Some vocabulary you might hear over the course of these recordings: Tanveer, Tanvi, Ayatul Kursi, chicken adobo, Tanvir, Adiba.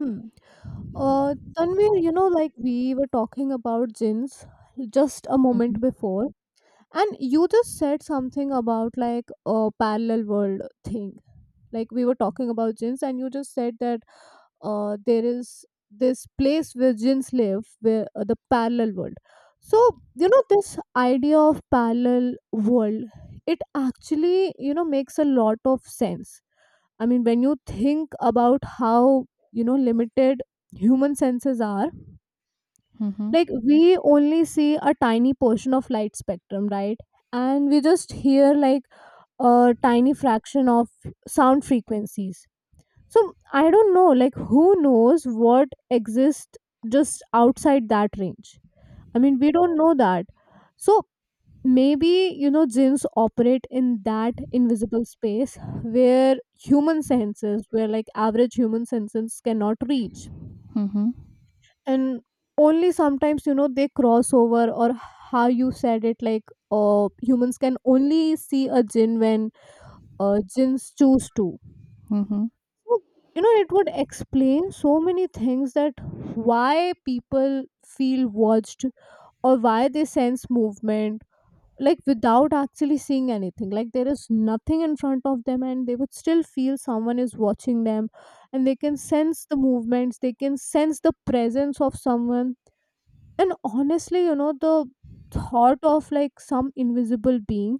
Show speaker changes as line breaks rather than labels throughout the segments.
Hmm. Tanvir, you know, like we were talking about gins just a moment
Mhm,
before, and you just said something about like a parallel world thing. Like we were talking about gins, and you just said that there is this place where gins live, where the parallel world. So this idea of parallel world, it actually makes a lot of sense. I mean, when you think about how, limited human senses are,
mhm,
like we only see a tiny portion of light spectrum, right? And we just hear like a tiny fraction of sound frequencies. So I don't know, like, who knows what exists just outside that range? I mean, we don't know that. So maybe, gyms operate in that invisible space where human senses, where like average human senses cannot reach.
mhm,
And only sometimes, they cross over, or how you said it, like humans can only see a gin when gins choose to.
mhm.
So, it would explain so many things, that why people feel watched or why they sense movement, like without actually seeing anything. Like there is nothing in front of them and they would still feel someone is watching them, and they can sense the movements, they can sense the presence of someone. And honestly, the thought of like some invisible being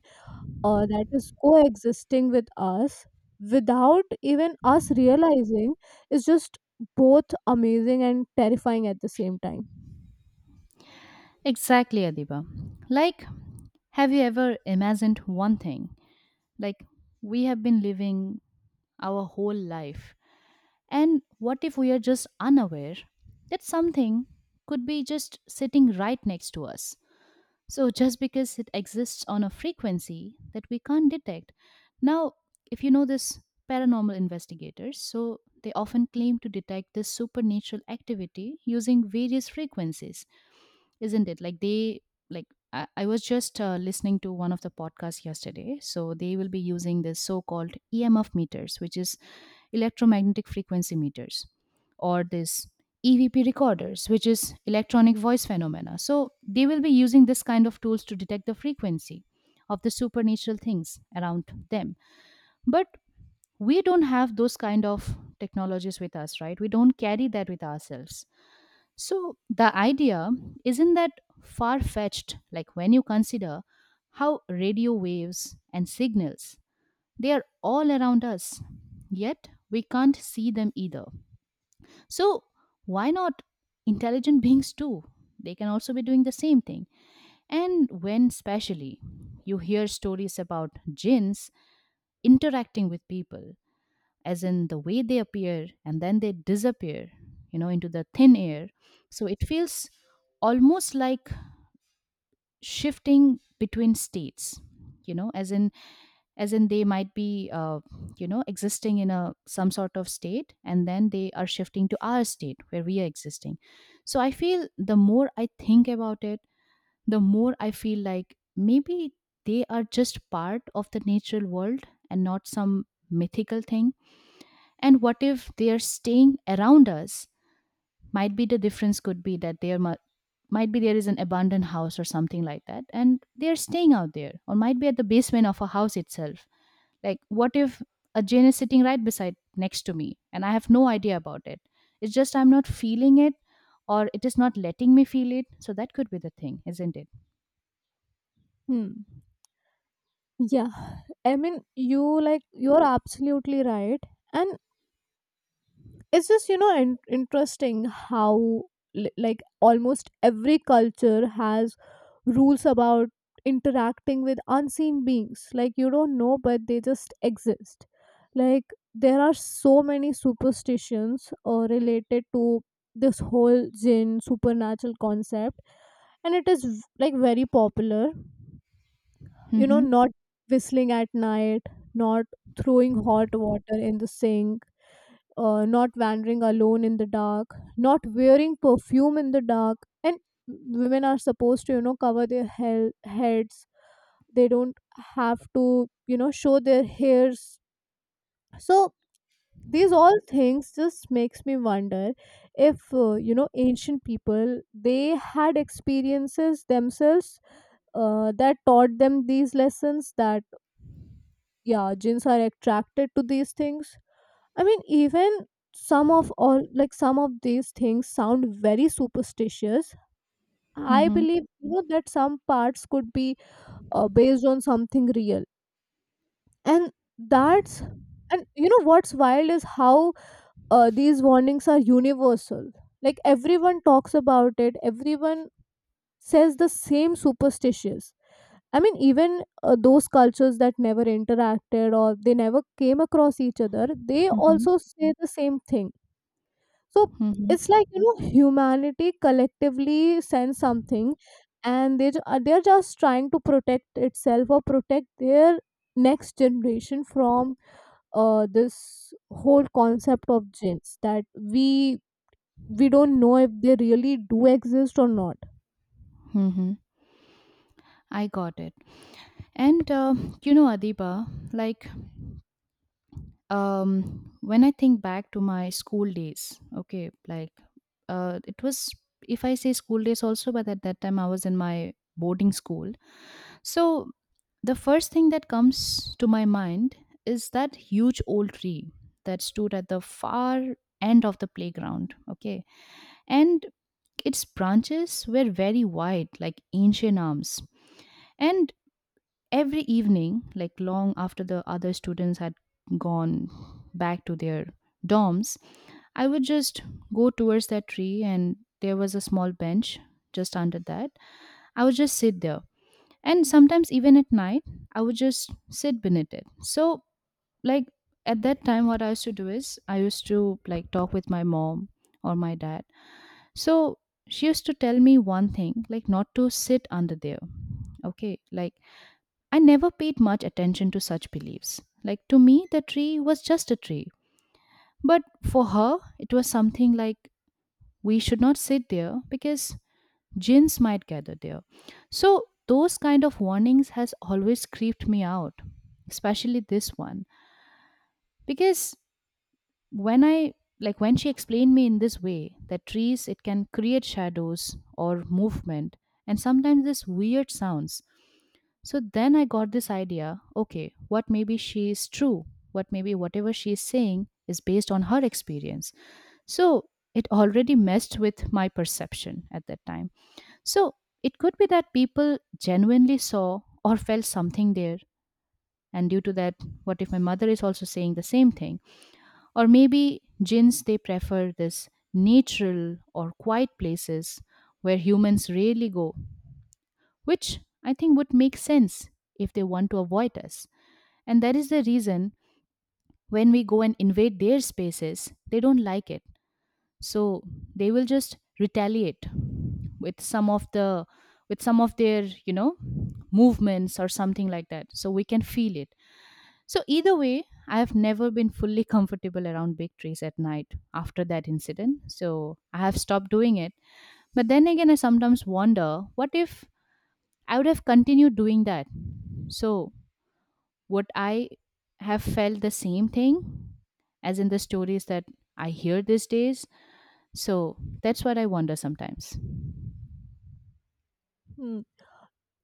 that is coexisting with us without even us realizing is just both amazing and terrifying at the same time.
Exactly, Adiba. Like, have you ever imagined one thing? Like, we have been living our whole life, and what if we are just unaware that something could be just sitting right next to us? So, just because it exists on a frequency that we can't detect. Now, if you know this, paranormal investigators, so they often claim to detect this supernatural activity using various frequencies, isn't it? Like they, like I was just listening to one of the podcasts yesterday, so they will be using this so-called EMF meters, which is electromagnetic frequency meters, or this EVP recorders, which is electronic voice phenomena. So they will be using this kind of tools to detect the frequency of the supernatural things around them. But we don't have those kind of technologies with us, right? We don't carry that with ourselves. So the idea isn't that far fetched, like when you consider how radio waves and signals, they are all around us, yet we can't see them either. So why not intelligent beings too? They can also be doing the same thing. And when specially you hear stories about jinns interacting with people, as in the way they appear and then they disappear, into the thin air. So it feels almost like shifting between states you know as in as in they might be existing in a some sort of state, and then they are shifting to our state where we are existing. So I feel the more I think about it, the more I feel like maybe they are just part of the natural world and not some mythical thing. And what if they're staying around us? Might be the difference could be that there might be there is an abandoned house or something like that, and they're staying out there, or might be at the basement of a house itself. Like, what if a Jane is sitting right beside next to me, and I have no idea about it? It's just I'm not feeling it, or it is not letting me feel it. So that could be the thing, isn't it?
Hmm. Yeah. I mean, you're absolutely right. And it's just interesting how like almost every culture has rules about interacting with unseen beings, like you don't know but they just exist. Like there are so many superstitions related to this whole jinn supernatural concept, and it is like very popular. You know,
Mm-hmm.
not whistling at night, not throwing hot water in the sink, not wandering alone in the dark, not wearing perfume in the dark. And women are supposed to, you know, cover their heads. They don't have to, you know, show their hairs. So these all things just makes me wonder if you know ancient people they had experiences themselves that taught them these lessons, that yeah, jinns are attracted to these things. I mean, even some of these things sound very superstitious. I
Mm-hmm.
believe you know that some parts could be based on something real, and that's and you know what's wild is how these warnings are universal. Like everyone talks about it, everyone says the same superstitious. I mean, even those cultures that never interacted or they never came across each other, they
Mm-hmm.
also say the same thing. So
Mm-hmm.
it's like you know humanity collectively sends something, and they're just trying to protect itself or protect their next generation from this whole concept of jinns that we don't know if they really do exist or not.
Mm-hmm. I got it. And Adiba, like um when I think back to my school days, okay, like it was, if I say school days also, but at that time I was in my boarding school. So the first thing that comes to my mind is that huge old tree that stood at the far end of the playground, okay. And its branches were very wide, like ancient arms. And every evening, like long after the other students had gone back to their dorms, I would just go towards that tree, and there was a small bench just under that. I would just sit there. And sometimes, even at night, I would just sit beneath it. So, like, at that time, what I used to do is I used to like talk with my mom or my dad. So, she used to tell me one thing, like, not to sit under there. Okay. Like, I never paid much attention to such beliefs. Like, to me, the tree was just a tree. But for her, it was something like we should not sit there because jinns might gather there. So those kind of warnings has always creeped me out, especially this one. Because when I like when she explained me in this way that trees, it can create shadows or movement, and sometimes this weird sounds. So then I got this idea, okay, what maybe she is true, what maybe whatever she is saying is based on her experience. So it already messed with my perception at that time. So it could be that people genuinely saw or felt something there. And due to that, what if my mother is also saying the same thing? Or maybe jinns, they prefer this natural or quiet places where humans rarely go, which I think would make sense if they want to avoid us. And that is the reason when we go and invade their spaces, they don't like it, so they will just retaliate with some of the with some of their movements or something like that, so we can feel it. So either way, I have never been fully comfortable around big trees at night after that incident, so I have stopped doing it. But then again, I sometimes wonder, what if I would have continued doing that? So would I have felt the same thing as in the stories that I hear these days? So that's what I wonder sometimes.
Hmm.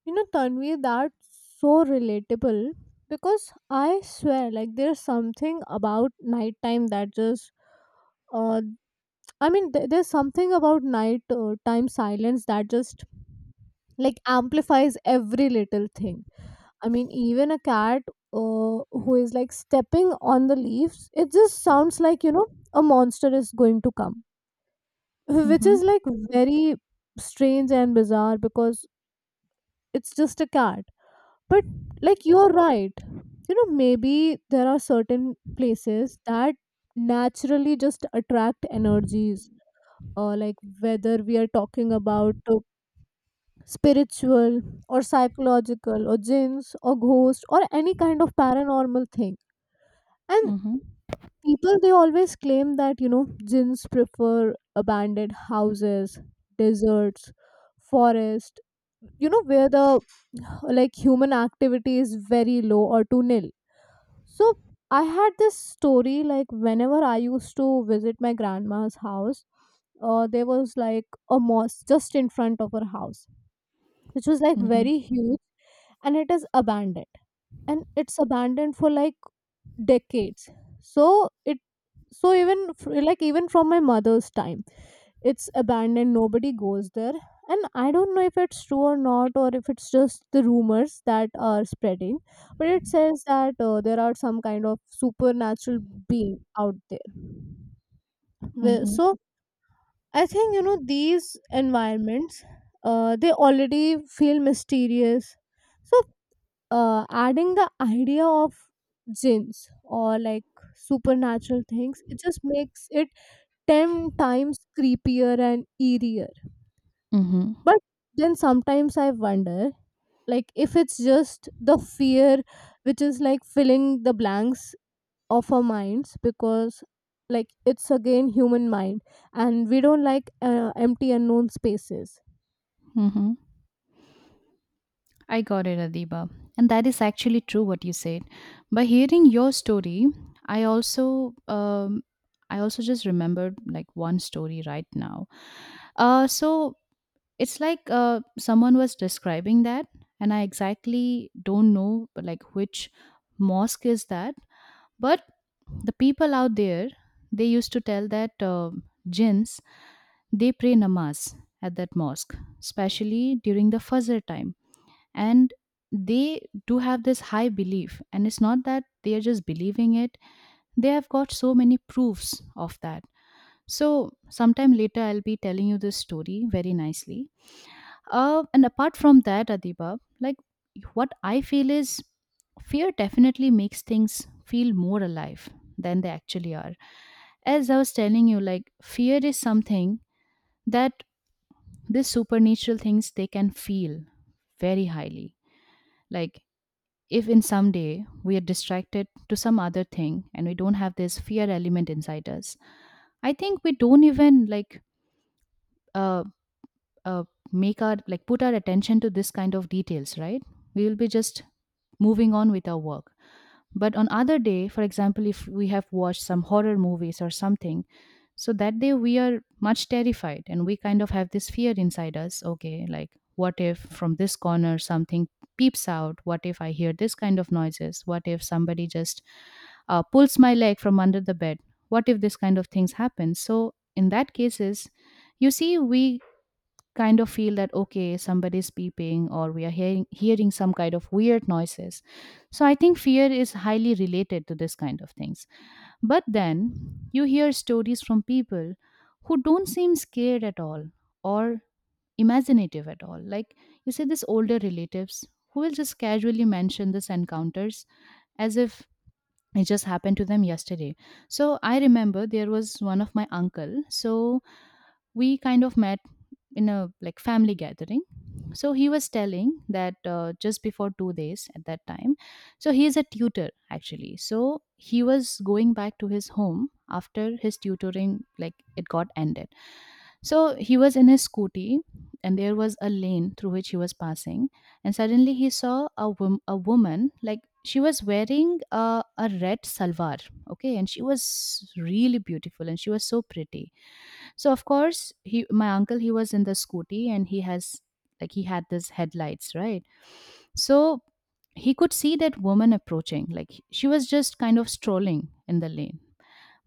You know, Tanvi, that's so relatable because I swear, like there's something about nighttime that just uh, I mean, there's something about night time silence that just like amplifies every little thing. I mean, even a cat who is like stepping on the leaves, it just sounds like, you know, a monster is going to come, which is
Mm-hmm.
like very strange and bizarre because it's just a cat. But like, you're right. You know, maybe there are certain places that naturally just attract energies, like whether we are talking about spiritual or psychological or jinns or ghosts or any kind of paranormal thing. And
Mm-hmm.
people they always claim that you know jinns prefer abandoned houses, deserts, forest, you know, where the like human activity is very low or to nil. So I had this story, like whenever I used to visit my grandma's house, there was like a mosque just in front of her house, which was like
Mm-hmm.
very huge, and it is abandoned. And it's abandoned for like decades. So it so even fr- like even from my mother's time, it's abandoned, nobody goes there. And I don't know if it's true or not, or if it's just the rumors that are spreading, but it says that there are some kind of supernatural being out there. Well,
Mm-hmm.
so I think you know these environments they already feel mysterious. So adding the idea of jinns or like supernatural things, it just makes it 10 times creepier and eerier.
Mm-hmm.
But then sometimes I wonder, like, if it's just the fear which is like filling the blanks of our minds, because like it's again human mind, and we don't like empty unknown spaces.
Mm-hmm. I got it, Adiba. And that is actually true what you said. By hearing your story, I also um I also just remembered like one story right now. So it's like someone was describing that, and I exactly don't know like which mosque is that. But the people out there, they used to tell that jinns, they pray namaz at that mosque, especially during the Fajr time. And they do have this high belief. And it's not that they are just believing it, they have got so many proofs of that. So, sometime later, I'll be telling you this story very nicely. And apart from that, Adiba, like what I feel is, fear definitely makes things feel more alive than they actually are. As I was telling you, like fear is something that these supernatural things, they can feel very highly. Like if in some day we are distracted to some other thing and we don't have this fear element inside us, I think we don't even like uh, uh, make our like put our attention to this kind of details, right? We will be just moving on with our work. But on other day, for example, if we have watched some horror movies or something, so that day we are much terrified and we kind of have this fear inside us. Okay, like what if from this corner something peeps out? What if I hear this kind of noises? What if somebody just pulls my leg from under the bed? What if this kind of things happen? So in that cases, you see, we kind of feel that okay somebody's peeping or we are hearing some kind of weird noises. So I think fear is highly related to this kind of things. But then you hear stories from people who don't seem scared at all, or imaginative at all. Like you say these older relatives who will just casually mention these encounters as if it just happened to them yesterday. So I remember there was one of my uncle, so we kind of met in a like family gathering. So he was telling that just before 2 days at that time. So he is a tutor actually, so he was going back to his home after his tutoring, like it got ended. So he was in his scooty, and there was a lane through which he was passing, and suddenly he saw a woman. Like she was wearing a red salwar, okay, and she was really beautiful and she was so pretty. So of course, he my uncle, he was in the scooty, and he has like he had this headlights, right? So he could see that woman approaching, like she was just kind of strolling in the lane.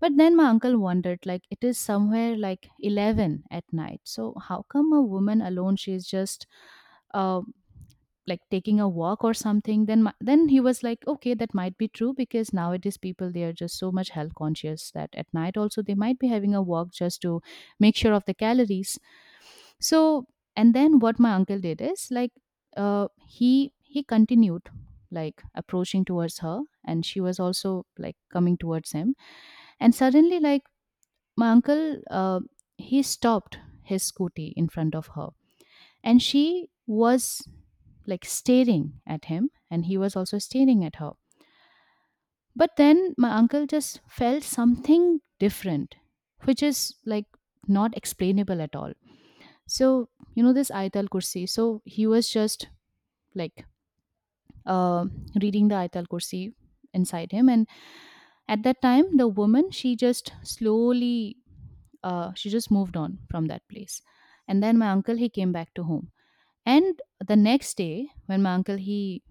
But then my uncle wondered, like it is somewhere like 11 at night. So how come a woman alone? She's just uh, like taking a walk or something. Then then he was like, okay, that might be true, because nowadays people, they are just so much health conscious that at night also they might be having a walk just to make sure of the calories. So, and then what my uncle did is like, uh, he he continued, like approaching towards her, and she was also like coming towards him. And suddenly, like my uncle, uh, he stopped his scooty in front of her, and she was like staring at him, and he was also staring at her. But then my uncle just felt something different, which is like not explainable at all. So, this Ayatul Kursi. So he was just like uh, reading the Ayatul Kursi inside him. And at that time, the woman, she just moved on from that place. And then my uncle, he came back to home. And the next day, when my uncle he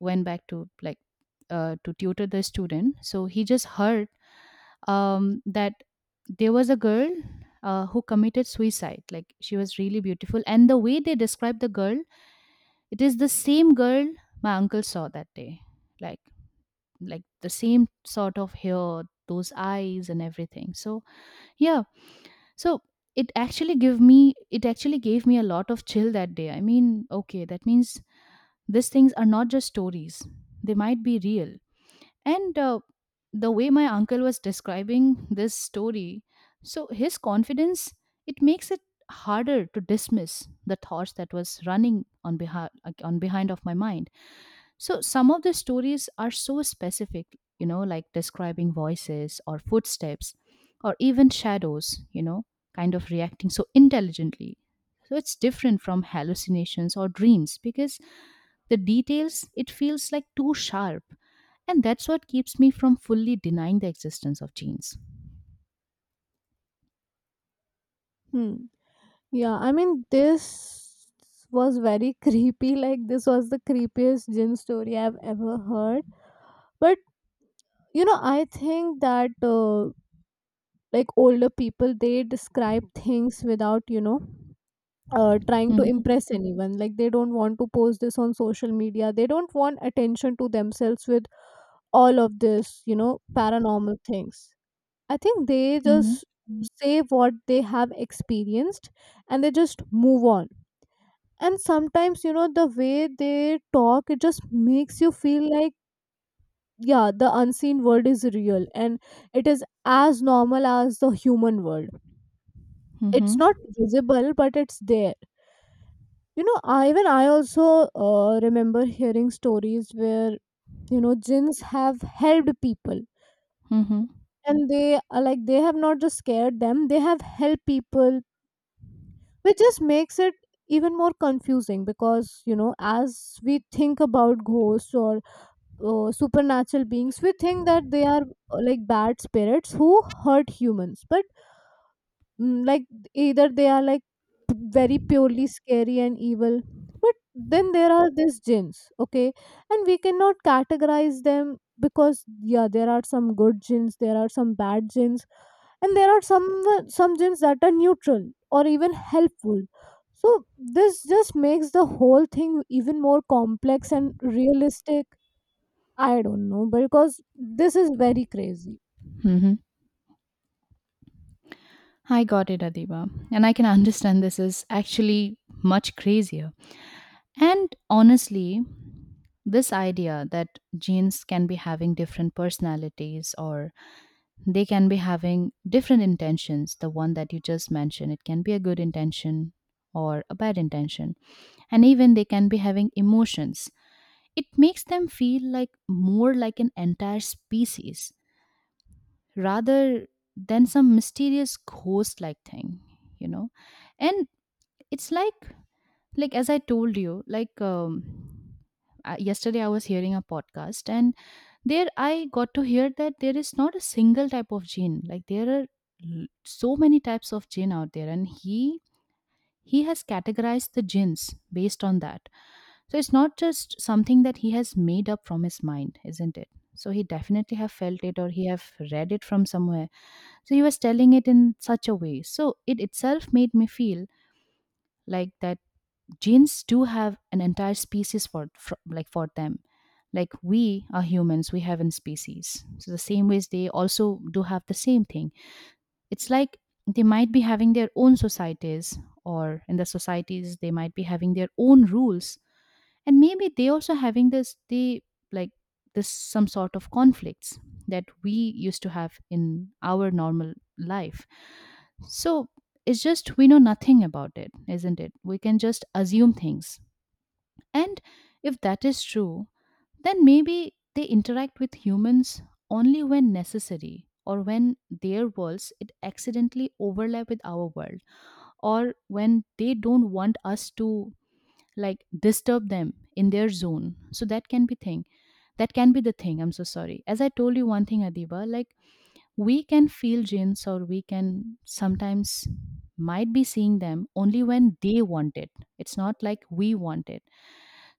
went back to to tutor the student, so he just heard that there was a girl who committed suicide. Like she was really beautiful, and the way they described the girl, it is the same girl my uncle saw that day. Like like the same sort of hair, those eyes, and everything. Yeah, so it actually gave me a lot of chill that day. I mean, okay, that means these things are not just stories, they might be real. And The way my uncle was describing this story, so his confidence, it makes it harder to dismiss the thoughts that was running on behind of my mind. So some of the stories are so specific, you know, like describing voices or footsteps or even shadows, you know, kind of reacting so intelligently. So it's different from hallucinations or dreams because the details, it feels like too sharp. And that's what keeps me from fully denying the existence of genes.
Hmm. Yeah, I mean, this was very creepy. Like, this was the creepiest gin story I've ever heard. But, you know, I think that, like, older people, they describe things without, you know, trying to
Mhm,
impress anyone. Like, they don't want to post this on social media. They don't want attention to themselves with all of this, you know, paranormal things. I think they
mhm,
just say what they have experienced, and they just move on. And sometimes you know the way they talk, it just makes you feel like, yeah, the unseen world is real, and it is as normal as the human world. It's
mhm,
not visible, but it's there. You know, even I also remember hearing stories where you know jinns have helped people,
mhm,
and they are like they have not just scared them, they have helped people, which just makes it even more confusing. Because you know as we think about ghosts or supernatural beings, we think that they are like bad spirits who hurt humans. But like either they are like very purely scary and evil. But then there are these jinns, okay, and we cannot categorize them, because yeah, there are some good jinns, there are some bad jinns, and there are some jinns that are neutral or even helpful. So this just makes the whole thing even more complex and realistic. I don't know, because this is very crazy.
mhm. I got it, Adiba. And I can understand this is actually much crazier. And honestly, this idea that genes can be having different personalities, or they can be having different intentions. The one that you just mentioned, it can be a good intention or a bad intention. And even they can be having emotions. It makes them feel like more like an entire species rather than some mysterious ghost like thing, you know? And it's like as I told you, like yesterday I was hearing a podcast, and there, I got to hear that there is not a single type of jinn. Like there are so many types of jinn out there, and he has categorized the gins based on that. So it's not just something that he has made up from his mind, isn't it? So he definitely have felt it, or he have read it from somewhere. So he was telling it in such a way. So it itself made me feel like that gins do have an entire species for, for them. Like we are humans, we have in species, so the same ways they also do have the same thing. It's like they might be having their own societies, or in the societies they might be having their own rules. And maybe they also having this, they, like, this some sort of conflicts that we used to have in our normal life. So it's just we know nothing about it, isn't it? We can just assume things. And if that is true, then maybe they interact with humans only when necessary, or when their worlds, it accidentally overlap with our world, or when they don't want us to like disturb them in their zone. So that can be the thing. I'm so sorry, as I told you one thing, Adiba, like, we can feel jinns, or we can sometimes might be seeing them only when they want it. It's not like we want it.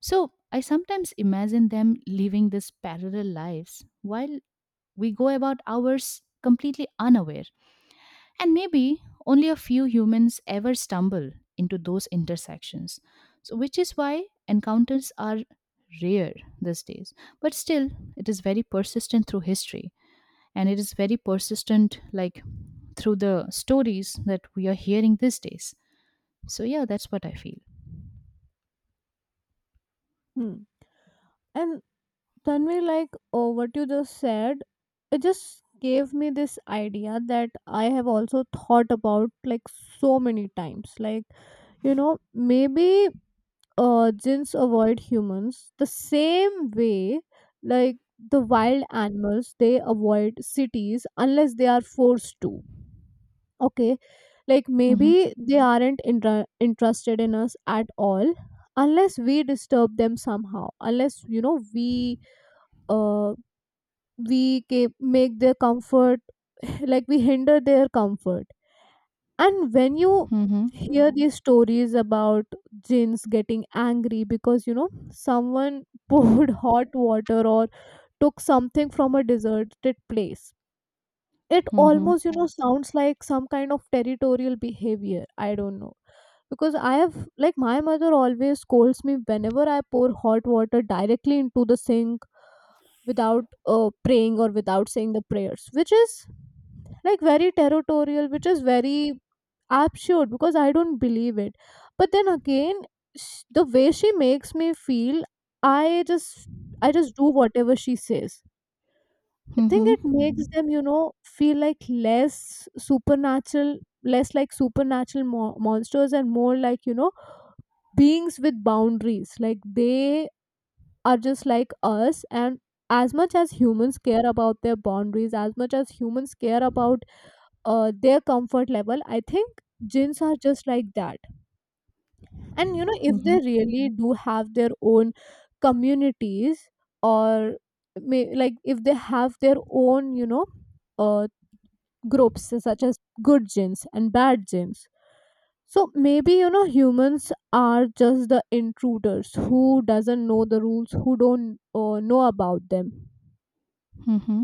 So I sometimes imagine them living these parallel lives while we go about ours completely unaware. And maybe only a few humans ever stumble into those intersections. So, which is why encounters are rare these days. But still, it is very persistent through history. And it is very persistent, like, through the stories that we are hearing these days. So, yeah, that's what I feel.
Hmm. And Tanvi, like, oh, what you just said, it just gave me this idea that I have also thought about like so many times. Like, you know, maybe gins avoid humans the same way, like the wild animals, they avoid cities unless they are forced to. Okay, like
Mm-hmm.
maybe they aren't interested in us at all unless we disturb them somehow. Unless you know we uh make their comfort, like we hinder their comfort. And when you
Mm-hmm.
hear these stories about jinns getting angry because you know someone poured hot water or took something from a deserted place, it
Mm-hmm.
almost you know sounds like some kind of territorial behavior, I don't know. Because I have, like my mother always scolds me whenever I pour hot water directly into the sink without praying or without saying the prayers, which is like very territorial, which is very absurd because I don't believe it. But then again, the way she makes me feel, i just I just do whatever she says. I think
Mm-hmm.
it makes them, you know, feel like less supernatural, less like supernatural monsters and more like, you know, beings with boundaries. Like they are just like us. And as much as humans care about their boundaries, as much as humans care about their comfort level, I think jinns are just like that. And, you know, if they
Mm-hmm.
really do have their own communities or like if they have their own, you know, uh, groups such as good genes and bad genes, so maybe you know humans are just the intruders who doesn't know the rules, who don't know about them.
Mm-hmm.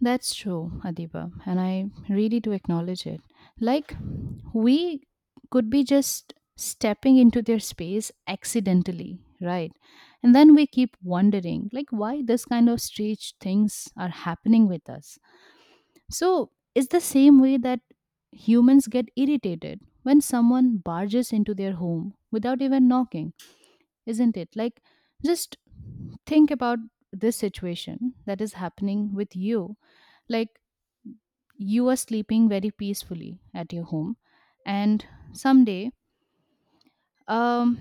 That's true, Adiba, and I really do acknowledge it. Like, we could be just stepping into their space accidentally, right? And then we keep wondering, like, why this kind of strange things are happening with us. So, it's the same way that humans get irritated when someone barges into their home without even knocking, isn't it? Like, just think about this situation that is happening with you. Like, you are sleeping very peacefully at your home, and someday, um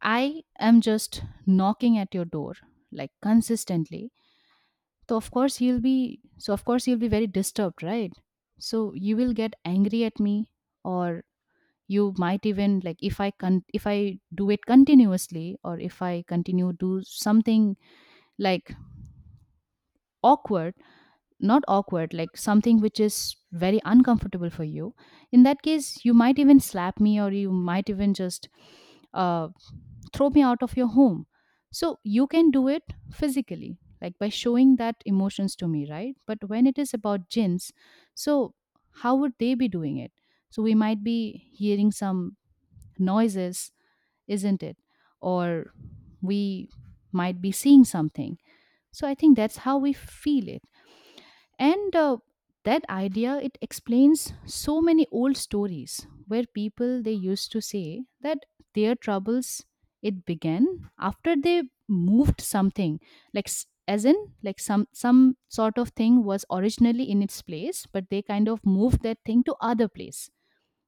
I am just knocking at your door like consistently. So of course you'll be very disturbed, right? So you will get angry at me, or you might even like, if if I do it continuously, or if I continue do something like awkward, not awkward, like something which is very uncomfortable for you, in that case, you might even slap me, or you might even just uh, throw me out of your home. So you can do it physically, like by showing that emotions to me, right? But when it is about jinns, so how would they be doing it? So we might be hearing some noises, isn't it? Or we might be seeing something. So I think that's how we feel it. And That idea, it explains so many old stories where people they used to say that their troubles, it began after they moved something, like as in like some sort of thing was originally in its place, but they kind of moved that thing to other place,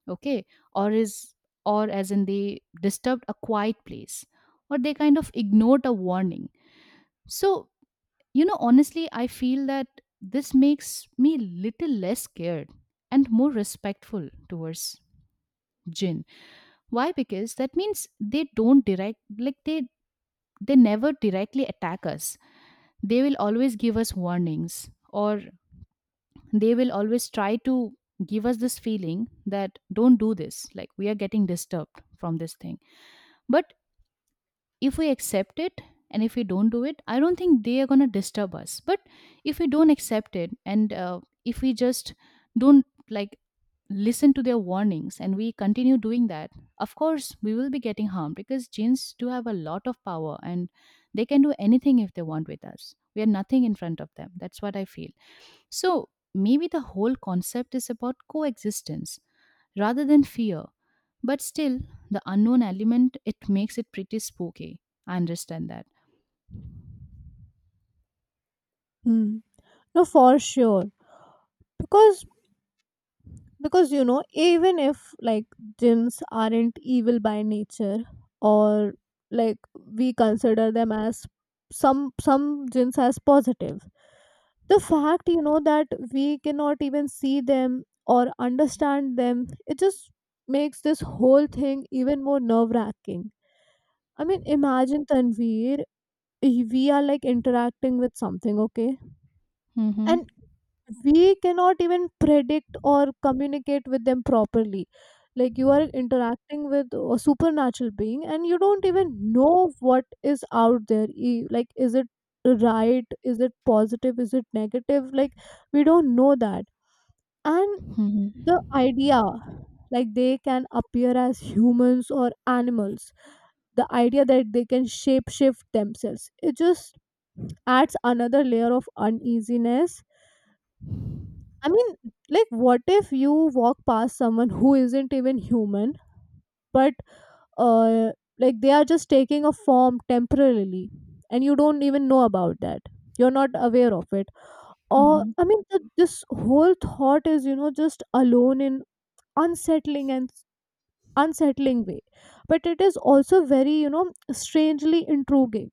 okay. Or is or as in they disturbed a quiet place, or they kind of ignored a warning. So, you know, honestly, I feel that this makes me little less scared and more respectful towards Jin. Why? Because that means they never directly attack us. They will always give us warnings, or they will always try to give us this feeling that don't do this, like we are getting disturbed from this thing. But if we accept it, and if we don't do it, I don't think they are going to disturb us. But if we don't accept it, and if we just don't, like, listen to their warnings, and we continue doing that, of course we will be getting harmed, because genes do have a lot of power, and they can do anything if they want with us. We are nothing in front of them, that's what I feel. So maybe the whole concept is about coexistence rather than fear. But still, the unknown element, it makes it pretty spooky. I understand that.
Hmm. No, for sure. Because you know, even if like gyms aren't evil by nature, or like we consider them as some gyms as positive, the fact you know that we cannot even see them or understand them, it just makes this whole thing even more nerve wracking. I mean, imagine Tanveer, we are like interacting with something, okay,
Mm-hmm.
and we cannot even predict or communicate with them properly. Like you are interacting with a supernatural being, and you don't even know what is out there. Like, is it right, is it positive, is it negative? Like we don't know that. And
Mm-hmm.
the idea, like they can appear as humans or animals, the idea that they can shape shift themselves, it just adds another layer of uneasiness. I mean, like, what if you walk past someone who isn't even human, but uh, like they are just taking a form temporarily, and you don't even know about that. You're not aware of it. Or
Mm-hmm.
I mean, this whole thought is you know just alone in unsettling and unsettling way, but it is also very you know strangely intriguing.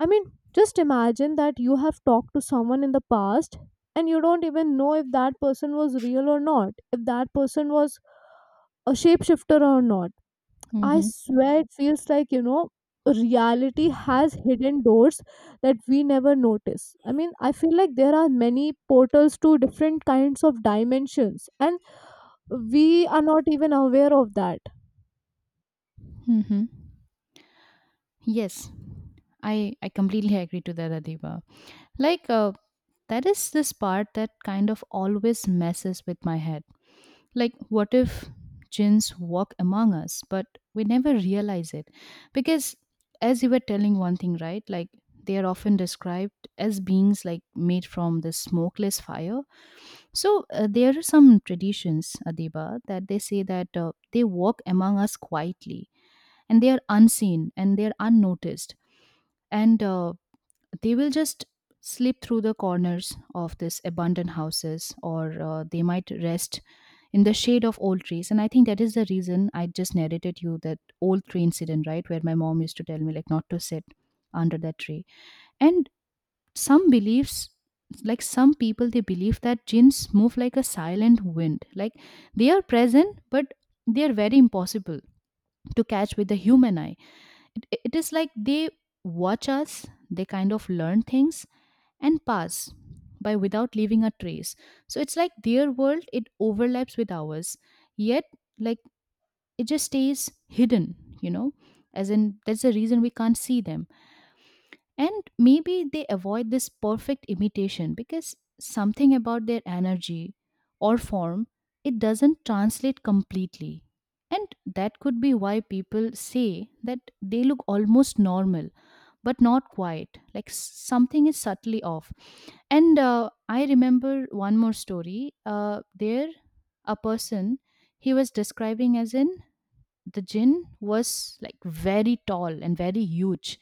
I mean, just imagine that you have talked to someone in the past, and you don't even know if that person was real or not, if that person was a shapeshifter or not. I
Mm-hmm.
swear it feels like, you know, reality has hidden doors that we never notice. I mean, I feel like there are many portals to different kinds of dimensions, and we are not even aware of that.
Mm-hmm. Yes, I completely agree to that, Adiba. Like that is this part that kind of always messes with my head. Like, what if jinns walk among us, but we never realize it? Because as you were telling one thing, right? Like they are often described as beings like made from the smokeless fire. So there are some traditions, Adiba, that they say that they walk among us quietly, and they are unseen and they are unnoticed. And They will just slip through the corners of these abandoned houses, or they might rest in the shade of old trees. And I think that is the reason I just narrated you that old tree incident, right, where my mom used to tell me like not to sit under that tree. And some beliefs, like some people they believe that jinns move like a silent wind, like they are present but they are very impossible to catch with the human eye. It is like they watch us, they kind of learn things and pass by without leaving a trace. So it's like their world, it overlaps with ours, yet, like, it just stays hidden, you know, as in that's the reason we can't see them. And maybe they avoid this perfect imitation because something about their energy or form, it doesn't translate completely. And that could be why people say that they look almost normal but not quite, like something is subtly off. And I remember one more story. There, a person, he was describing as an the jinn was like very tall and very huge,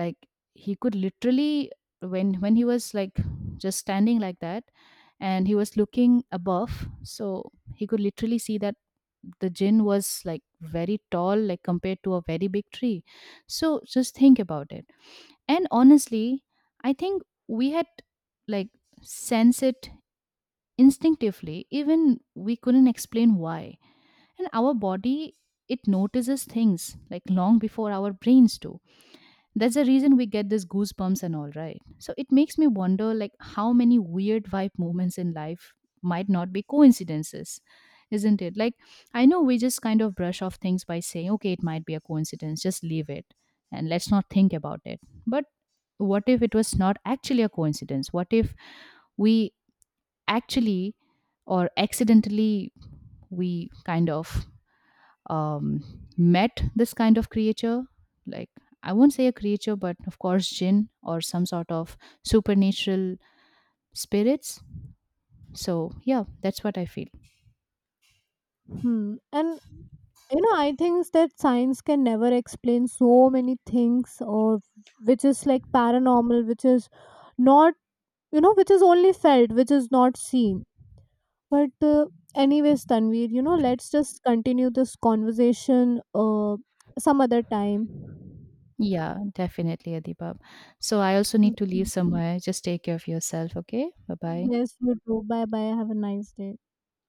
like he could literally, when he was like just standing like that, and he was looking above, so he could literally see that the jinn was like very tall, like compared to a very big tree. So just think about it. And honestly, I think we had, like, sense it instinctively, even we couldn't explain why. And our body, it notices things like long before our brains do. That's the reason we get these goosebumps and all, right? So it makes me wonder, like, how many weird vibe moments in life might not be coincidences, isn't it? Like, I know we just kind of brush off things by saying okay, it might be a coincidence, just leave it, and let's not think about it. But what if it was not actually a coincidence? What if we actually or accidentally we kind of um, met this kind of creature. Like, I won't say a creature, but of course, jinn or some sort of supernatural spirits. So, yeah, that's what I feel.
Hmm. And you know I think that science can never explain so many things, or which is like paranormal, which is not, you know, which is only felt, which is not seen. But anyways, Tanveer, you know, let's just continue this conversation uh, some other time.
Yeah, definitely, Adibab. So, I also need to leave
Mhm.
somewhere. Just take care of yourself, okay? Bye bye.
Yes, you too. Bye bye, have a nice day.